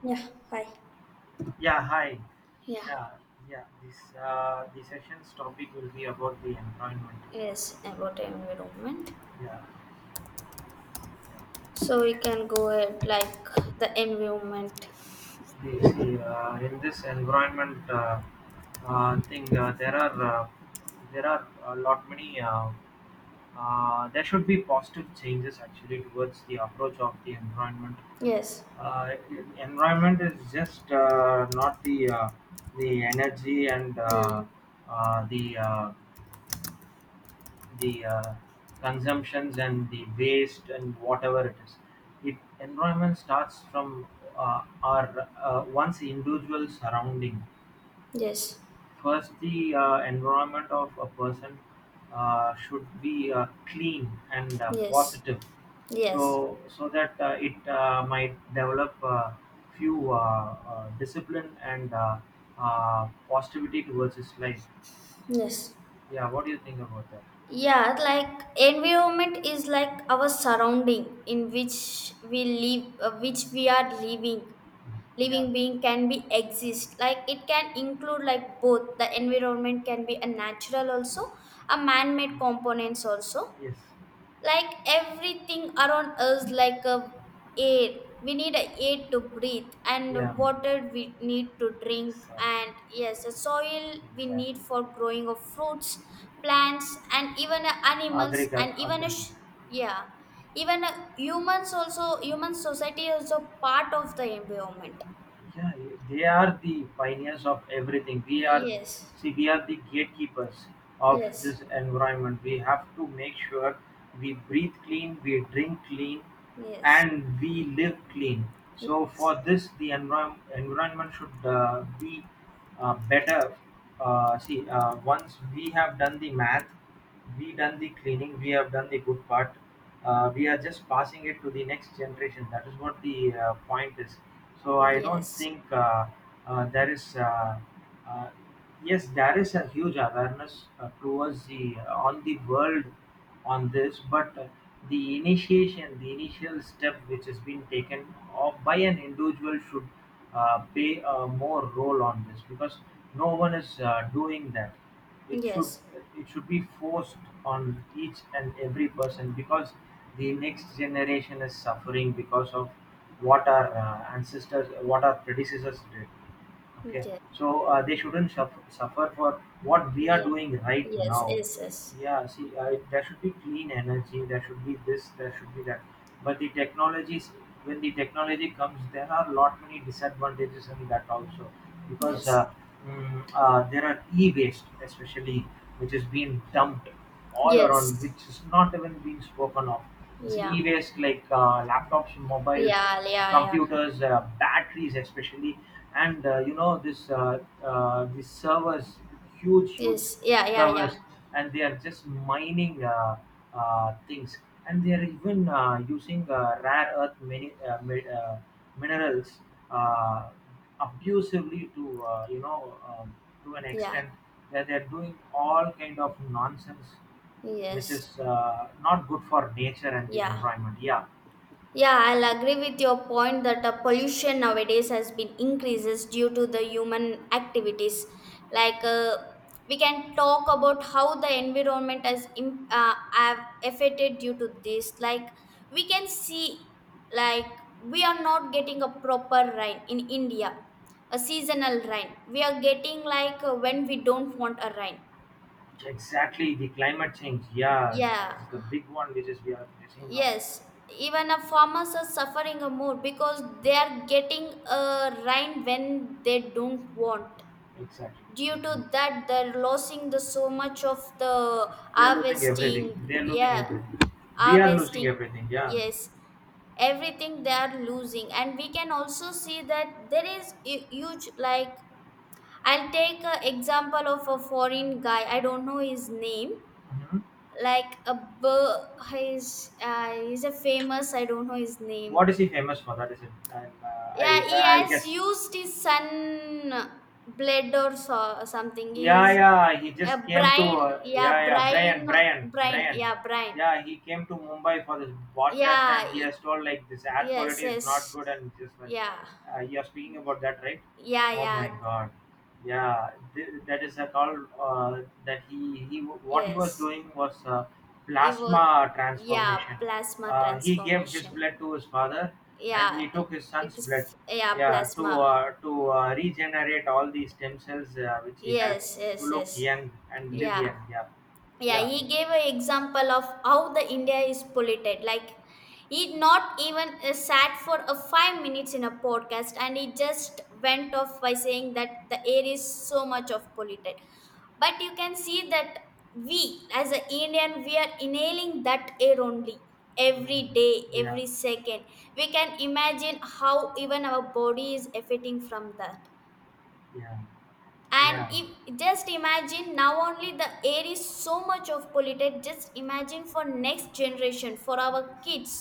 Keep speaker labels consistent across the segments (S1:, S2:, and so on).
S1: Yeah, hi.
S2: Yeah, hi.
S1: Yeah,
S2: Yeah, yeah. This The session's topic will be about the environment.
S1: yes, about environment.
S2: Yeah, yeah.
S1: So we can go ahead like the environment.
S2: See, in this environment thing, there are a lot many. There should be positive changes actually towards the approach of the environment.
S1: Yes,
S2: Uh, Environment is just not the energy and
S1: and
S2: uh, the uh, the consumptions and the waste and whatever it is. It Environment starts from our one's individual surrounding.
S1: yes,
S2: First, the environment of a person should be clean and
S1: yes,
S2: positive,
S1: yes,
S2: so that it might develop few discipline and positivity towards his life.
S1: yes.
S2: Yeah, what do you think about that?
S1: Yeah, environment is like our surrounding in which we live, which we are living.
S2: Yeah.
S1: Living being can be exist. Like it can include like both. The environment can be a natural also, a man-made components also.
S2: Yes.
S1: Like everything around us like a air, we need a air to breathe, and
S2: Yeah.
S1: water we need to drink,
S2: Exactly,
S1: and yes a soil we need
S2: exactly.
S1: for growing of fruits, plants, and even animals,
S2: Agreed,
S1: and even a
S2: agreed.
S1: sh- yeah, even humans also. Human society is a part of the environment.
S2: Yeah, they are the pioneers of everything.
S1: Yes,
S2: See, we are the gatekeepers of
S1: yes,
S2: this environment. We have to make sure we breathe clean, we drink clean,
S1: yes,
S2: and we live clean. So for this, the environment should be better. See, once we have done the math, we done the cleaning, we have done the good part. We are just passing it to the next generation. That is what the point is, so I don't
S1: yes,
S2: think uh, there is, uh, uh, yes, there is a huge awareness towards the on the world on this, but the initial step which has been taken by an individual should play a more role on this because no one is doing that. it should
S1: yes,
S2: it should be forced on each and every person because the next generation is suffering because of what our predecessors did. Okay,
S1: yes,
S2: so they shouldn't suffer for what we are
S1: yeah,
S2: doing right
S1: yes,
S2: now.
S1: yes, yes,
S2: Yeah, see, there should be clean energy, there should be this, there should be that. But when the technology comes, there are lot many disadvantages in that also, because
S1: yes.
S2: there are e-waste, especially, which is being dumped all around,
S1: Yes.
S2: which is not even being spoken of. This
S1: Yeah.
S2: e-waste like laptops, mobiles,
S1: Yeah. Yeah. Yeah.
S2: computers, batteries especially, and this these servers, huge huge
S1: Yes. Yeah. Yeah. Yeah.
S2: servers, and they are just mining things, and they are even using rare earth minerals uh, abusively to you know to an
S1: Yeah.
S2: extent where they are doing all kind of nonsense which
S1: Yes.
S2: is not good for nature and the
S1: Yeah.
S2: environment. Yeah,
S1: Yeah, I'll agree with your point that pollution nowadays has been increases due to the human activities. Like we can talk about how the environment has have affected due to this. Like we can see, like we are not getting a proper rain in India, a seasonal rain. We are getting like when we don't want a rain.
S2: exactly. The climate change. Yeah,
S1: Yeah.
S2: it's the big one which is we are facing now.
S1: Yes, even a farmers are suffering a more because they are getting a rain when they don't want.
S2: Exactly,
S1: Due
S2: exactly.
S1: to that, they're losing the so much of the
S2: They're losing everything.
S1: harvesting.
S2: They're losing
S1: Yeah,
S2: everything. We are losing
S1: harvesting.
S2: everything. Yeah.
S1: Yes, everything they are losing, and we can also see that there is huge like. I'll take an example of a foreign guy. I don't know his name,
S2: Mhm.
S1: like a he's a famous, I don't know his name.
S2: What is he famous for? That is it. And
S1: Yeah, he
S2: I'll
S1: has
S2: guess.
S1: used his sun blade or so, something
S2: Yeah,
S1: he's
S2: yeah, he
S1: a
S2: just came to
S1: brain, yeah,
S2: yeah, yeah, Brian,
S1: brain,
S2: Brian,
S1: brain,
S2: Brian.
S1: yeah, brain,
S2: Yeah, he came to Mumbai for this podcast,
S1: yeah,
S2: and he has told like this air
S1: yes,
S2: quality is not
S1: yes,
S2: good, and just like
S1: yeah,
S2: you are speaking about that, right?
S1: yeah,
S2: Oh
S1: yeah,
S2: my God, yeah, that is a call that he what he was
S1: yes,
S2: doing was
S1: it was,
S2: plasma
S1: yeah,
S2: transformation.
S1: plasma
S2: He gave his
S1: transformation,
S2: blood to his father, and
S1: yeah,
S2: he took his son's blood,
S1: yeah,
S2: yeah, to
S1: plasma.
S2: uh, to uh, regenerate all the stem cells which he had
S1: Yes,
S2: to
S1: yes,
S2: look
S1: yes.
S2: young and live
S1: Yeah.
S2: young. Yeah,
S1: Yeah,
S2: yeah.
S1: he gave an example of how the India is polluted. Like he not even sat for a 5 minutes in a podcast, and he just went off by saying that the air is so much of polluted. But you can see that we as an Indian we are inhaling that air only every day,
S2: Mm. Yeah,
S1: every second. We can imagine how even our body is affecting from that,
S2: yeah,
S1: and
S2: yeah.
S1: if just imagine now only the air is so much of polluted, just imagine for next generation for our kids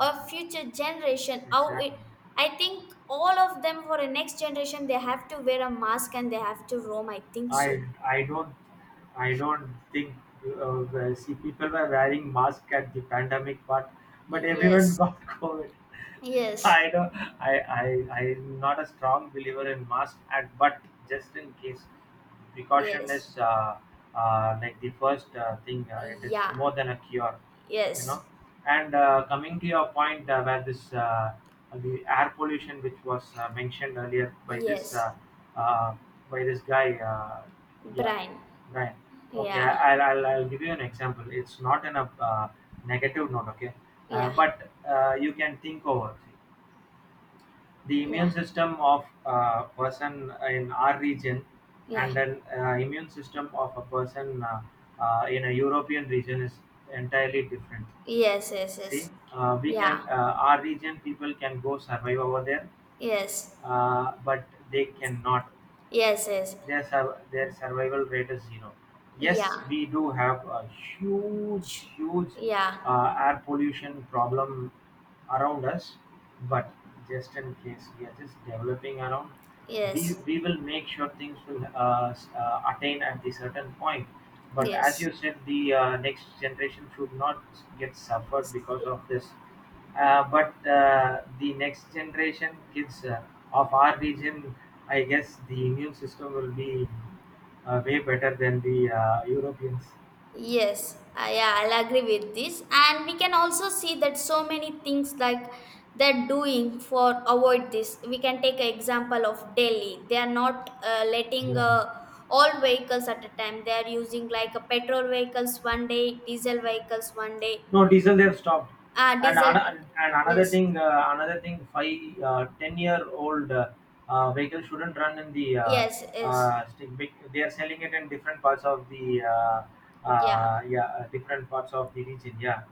S1: or future generation how
S2: Exactly.
S1: it. I think all of them for a next generation they have to wear a mask, and they have to roam, I think so.
S2: I I don't I don't think well, see, people were wearing masks at the pandemic part, but everyone
S1: Yes,
S2: got COVID.
S1: yes,
S2: I don't I I'm not a strong believer in mask at, but just in case, precaution
S1: yes,
S2: is like the first thing. It is
S1: yeah,
S2: more than a cure you know.
S1: yes,
S2: And coming to your point where this the air pollution, which was mentioned earlier by
S1: yes,
S2: uh, this guy, yeah,
S1: Brian,
S2: Brian. Okay,
S1: yeah,
S2: I'll give you an example. It's not in a negative note, okay,
S1: yeah,
S2: but you can think over the immune
S1: yeah,
S2: system of a person in our region,
S1: yeah,
S2: and then immune system of a person in a European region is entirely different.
S1: yes, yes,
S2: See,
S1: yes,
S2: we
S1: yeah,
S2: can our region people can go survive over there,
S1: yes.
S2: but they cannot.
S1: Yes, yes.
S2: Their survival rate is zero. Yes,
S1: Yeah.
S2: we do have a huge
S1: Sh-
S2: huge
S1: Yeah.
S2: air pollution problem around us, but just in case, we are just developing around, we
S1: Yes.
S2: we will make sure things will attain at the certain point. But as
S1: Yes.
S2: you said, the next generation should not get suffered because of this. But the next generation kids of our region, I guess the immune system will be way better than the Europeans.
S1: Yes, yeah, I'll agree with this. And we can also see that so many things like they're doing for avoid this. We can take an example of Delhi. They are not letting
S2: Yeah.
S1: all vehicles at a time. They are using like a petrol vehicles 1 day, diesel vehicles 1 day.
S2: No, diesel they've stopped.
S1: Ah,
S2: And
S1: diesel.
S2: and
S1: Yes,
S2: 10-year old vehicle shouldn't run in the.
S1: yes, yes.
S2: They are selling it in different parts of the.
S1: Yeah.
S2: Yeah, different parts of the region. Yeah.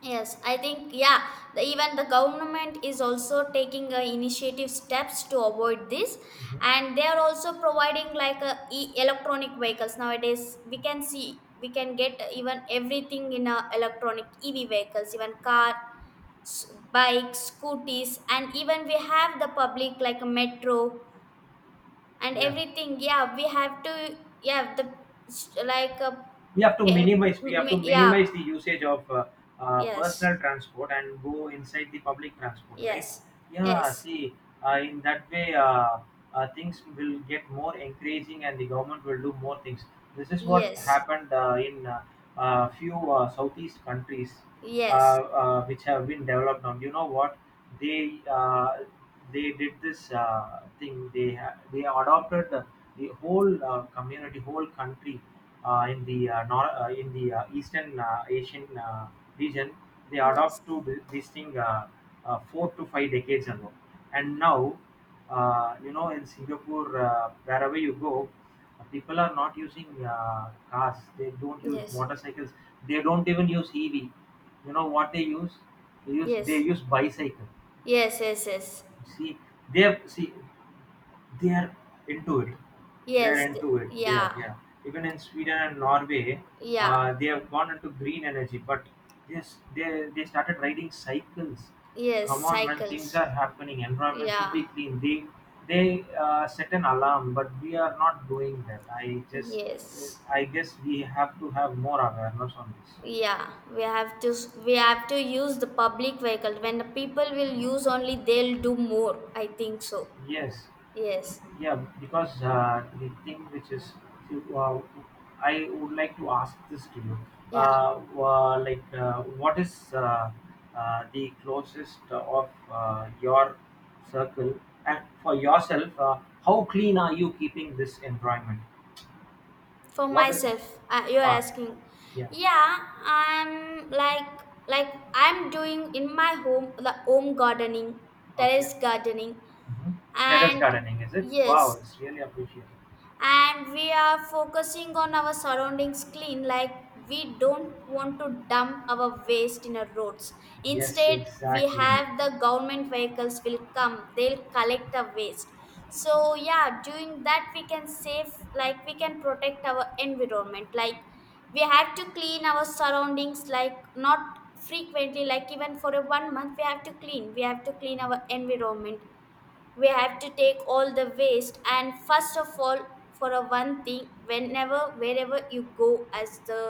S1: Yes, I think, yeah, the, even the government is also taking initiative steps to avoid this,
S2: Mhm.
S1: and they are also providing like electronic vehicles nowadays. We can see, we can get even everything in electronic EV vehicles, even car, s- bikes, scooters, and even we have the public like a metro and
S2: Yeah.
S1: everything. Yeah, we have to, yeah, the s- like,
S2: we have to
S1: pay-
S2: minimize we
S1: m-
S2: have to
S1: yeah,
S2: minimize the usage of
S1: yes,
S2: personal transport and go inside the public transport, right?
S1: yes,
S2: Yeah,
S1: yes.
S2: see, in that way things will get more encouraging, and the government will do more things. This is what
S1: Yes,
S2: happened in few southeast countries uh,
S1: yes,
S2: which have been developed on. You know what they uh, they did this thing. They adopted the whole community, whole country in the nor- in the Eastern Asian region. They
S1: yes,
S2: adopt to this thing 4 to 5 decades ago, and now. In Singapore, wherever you go, people are not using cars. They don't use
S1: yes,
S2: motorcycles. They don't even use EV. You know what they use? They use they
S1: yes,
S2: use bicycle.
S1: yes, yes, yes,
S2: See, they have, see they are into it. They are
S1: yes, th-
S2: into it. They are,
S1: yeah,
S2: yeah. Even in Sweden and Norway,
S1: yeah,
S2: they have gone into green energy, but yes, they started riding cycles. Come
S1: yes,
S2: on, man, things
S1: cycles,
S2: are happening. Environment should
S1: yeah,
S2: be clean. They set an alarm, but we are not doing that. I just
S1: yes,
S2: I guess we have to have more awareness on this.
S1: yeah. We have to we have to use the public vehicle. When the people will use only, they'll do more, I think so.
S2: Yes.
S1: Yes,
S2: Yeah, because the thing which is, see, I would like to ask this to you.
S1: yeah.
S2: Like, what is the closest of your circle? And for yourself, how clean are you keeping this environment?
S1: For
S2: What?
S1: myself, you are
S2: Uh,
S1: asking.
S2: yeah,
S1: Yeah, I'm like I'm doing in my home the home gardening,
S2: okay.
S1: terrace gardening,
S2: Mhm. Terrace
S1: and
S2: gardening, is it?
S1: yes,
S2: Wow, it's really appreciated.
S1: and we are focusing on our surroundings clean, like we don't want to dump our waste in our roads.
S2: Yes,
S1: Instead, we
S2: exactly.
S1: have the government vehicles will come, they'll collect the waste. So yeah, doing that we can save, like we can protect our environment. Like we have to clean our surroundings, like not frequently, like even for a 1 month we have to clean, we have to clean our environment. We have to take all the waste, and first of all, for a one thing, whenever wherever you go as the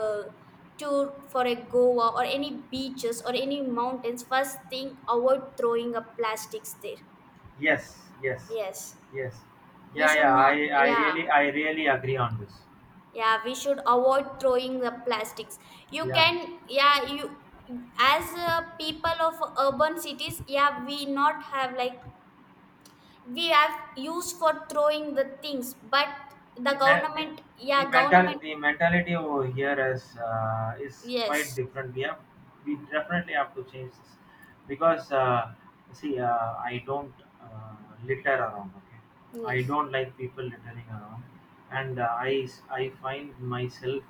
S1: tour for a Goa or any beaches or any mountains, first thing avoid throwing up plastics there.
S2: Yes, yes,
S1: Yes,
S2: yes.
S1: we
S2: Yeah,
S1: should
S2: yeah.
S1: not,
S2: I, I
S1: yeah,
S2: really, I really agree on this.
S1: yeah, we should avoid throwing the plastics. You
S2: Yeah,
S1: can, yeah, you, as people of urban cities, yeah, we not have like, we have used for throwing the things, but the
S2: the me-
S1: government,
S2: the
S1: yeah,
S2: mental,
S1: government,
S2: the mentality over here is quite
S1: yes,
S2: different. We definitely have to change this because see, I don't uh, litter around. Okay, I
S1: yes,
S2: don't like people littering around, and I find myself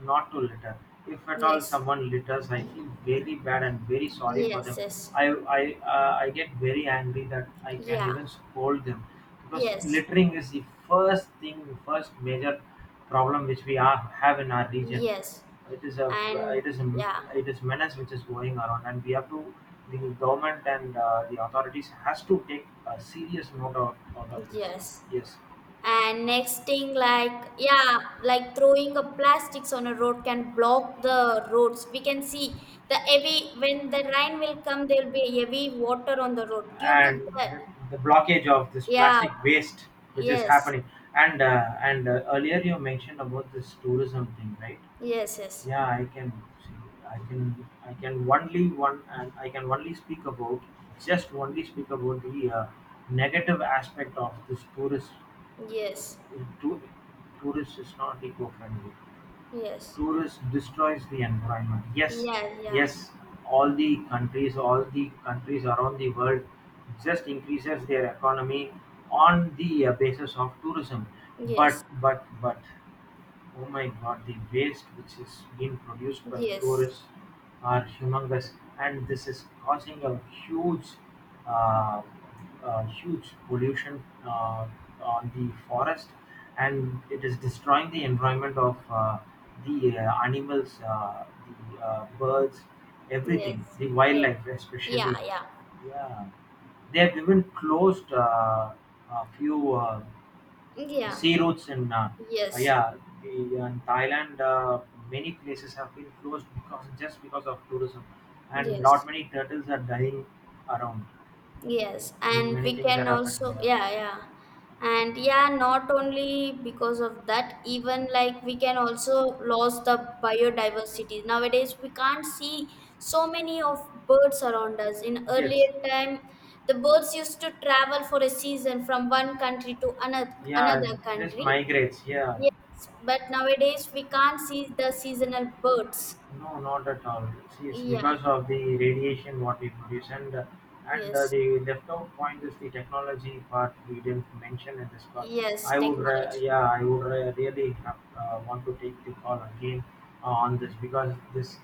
S2: not to litter. If at all
S1: yes,
S2: someone litters, I feel very bad and very sorry for
S1: yes,
S2: them.
S1: yes,
S2: I I I get very angry that I can
S1: yeah,
S2: even scold them because
S1: yes,
S2: littering is the first major problem which have in our region.
S1: yes,
S2: It is a
S1: and
S2: it is a
S1: yeah,
S2: it is menace which is going around, and we have to. The government and the authorities has to take a serious note out of this.
S1: yes.
S2: Yes.
S1: And next thing like, yeah, like throwing a plastics on a road can block the roads. We can see the heavy, when the rain will come there will be heavy water on the road due to
S2: And
S1: that.
S2: the, the blockage of this
S1: Yeah,
S2: plastic waste which is
S1: yes,
S2: happening, and earlier you mentioned about this tourism thing, right?
S1: yes, yes.
S2: Yeah, I can see. I can only speak about the negative aspect of this tourist.
S1: Yes,
S2: To, tourist is not eco-friendly.
S1: yes,
S2: Tourist destroys the environment. Yes,
S1: yeah, yeah,
S2: yes. All the countries around the world, just increases their economy on the basis of tourism.
S1: yes,
S2: But, but. Oh my God, the waste which is being produced by
S1: yes,
S2: tourists are humongous, and this is causing a uh, huge pollution on the forest, and it is destroying the environment of the animals, the birds,
S1: yes,
S2: everything, the
S1: yes,
S2: wildlife
S1: yeah,
S2: especially.
S1: yeah,
S2: Yeah, they have even closed a few
S1: yeah,
S2: sea routes in
S1: yes,
S2: yeah, the in Thailand. Many places have been closed because of tourism, and not
S1: yes.
S2: many turtles are dying around.
S1: Yes, and
S2: Many
S1: we
S2: things are
S1: can
S2: happening.
S1: also,
S2: Yeah.
S1: yeah, yeah. And yeah, not only because of that, even like we can also lose the biodiversity. Nowadays, we can't see so many of birds around us. In
S2: Yes.
S1: earlier time, the birds used to travel for a season from one country to another,
S2: Yeah. It
S1: another
S2: just
S1: country.
S2: migrates. Yeah.
S1: Yes, but nowadays we can't see the seasonal birds.
S2: No, not at all. See, it's
S1: Yeah,
S2: because of the radiation what we produce, and
S1: yes,
S2: the leftover point is the technology part we didn't mention in this call.
S1: yes,
S2: I would, re-
S1: technology.
S2: yeah, I would re- really want to take the call again on this because this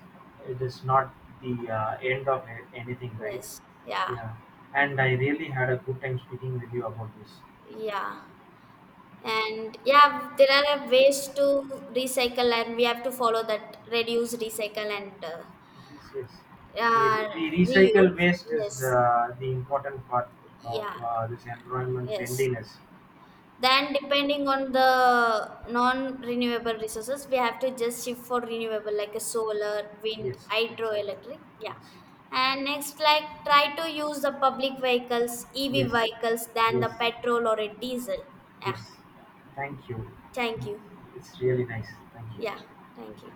S2: it is not the end of anything, right?
S1: Yes, yeah.
S2: Yeah, and I really had a good time speaking with you about this.
S1: Yeah. And yeah, there are ways to recycle, and we have to follow that reduce, recycle, and
S2: Yes, yes. The,
S1: uh,
S2: the recycle
S1: reuse.
S2: waste is
S1: Yes.
S2: the important part of
S1: Yeah.
S2: this environment
S1: Yes.
S2: cleanliness.
S1: Then, depending on the non renewable resources, we have to just shift for renewable like a solar, wind,
S2: Yes, exactly.
S1: hydroelectric. Yeah.
S2: Yes,
S1: And next, like try to use the public vehicles, EV
S2: yes,
S1: vehicles, than
S2: yes,
S1: the petrol or a diesel. Yeah.
S2: yes. Thank you.
S1: Thank you.
S2: It's really nice. Thank you.
S1: Yeah. Thank you.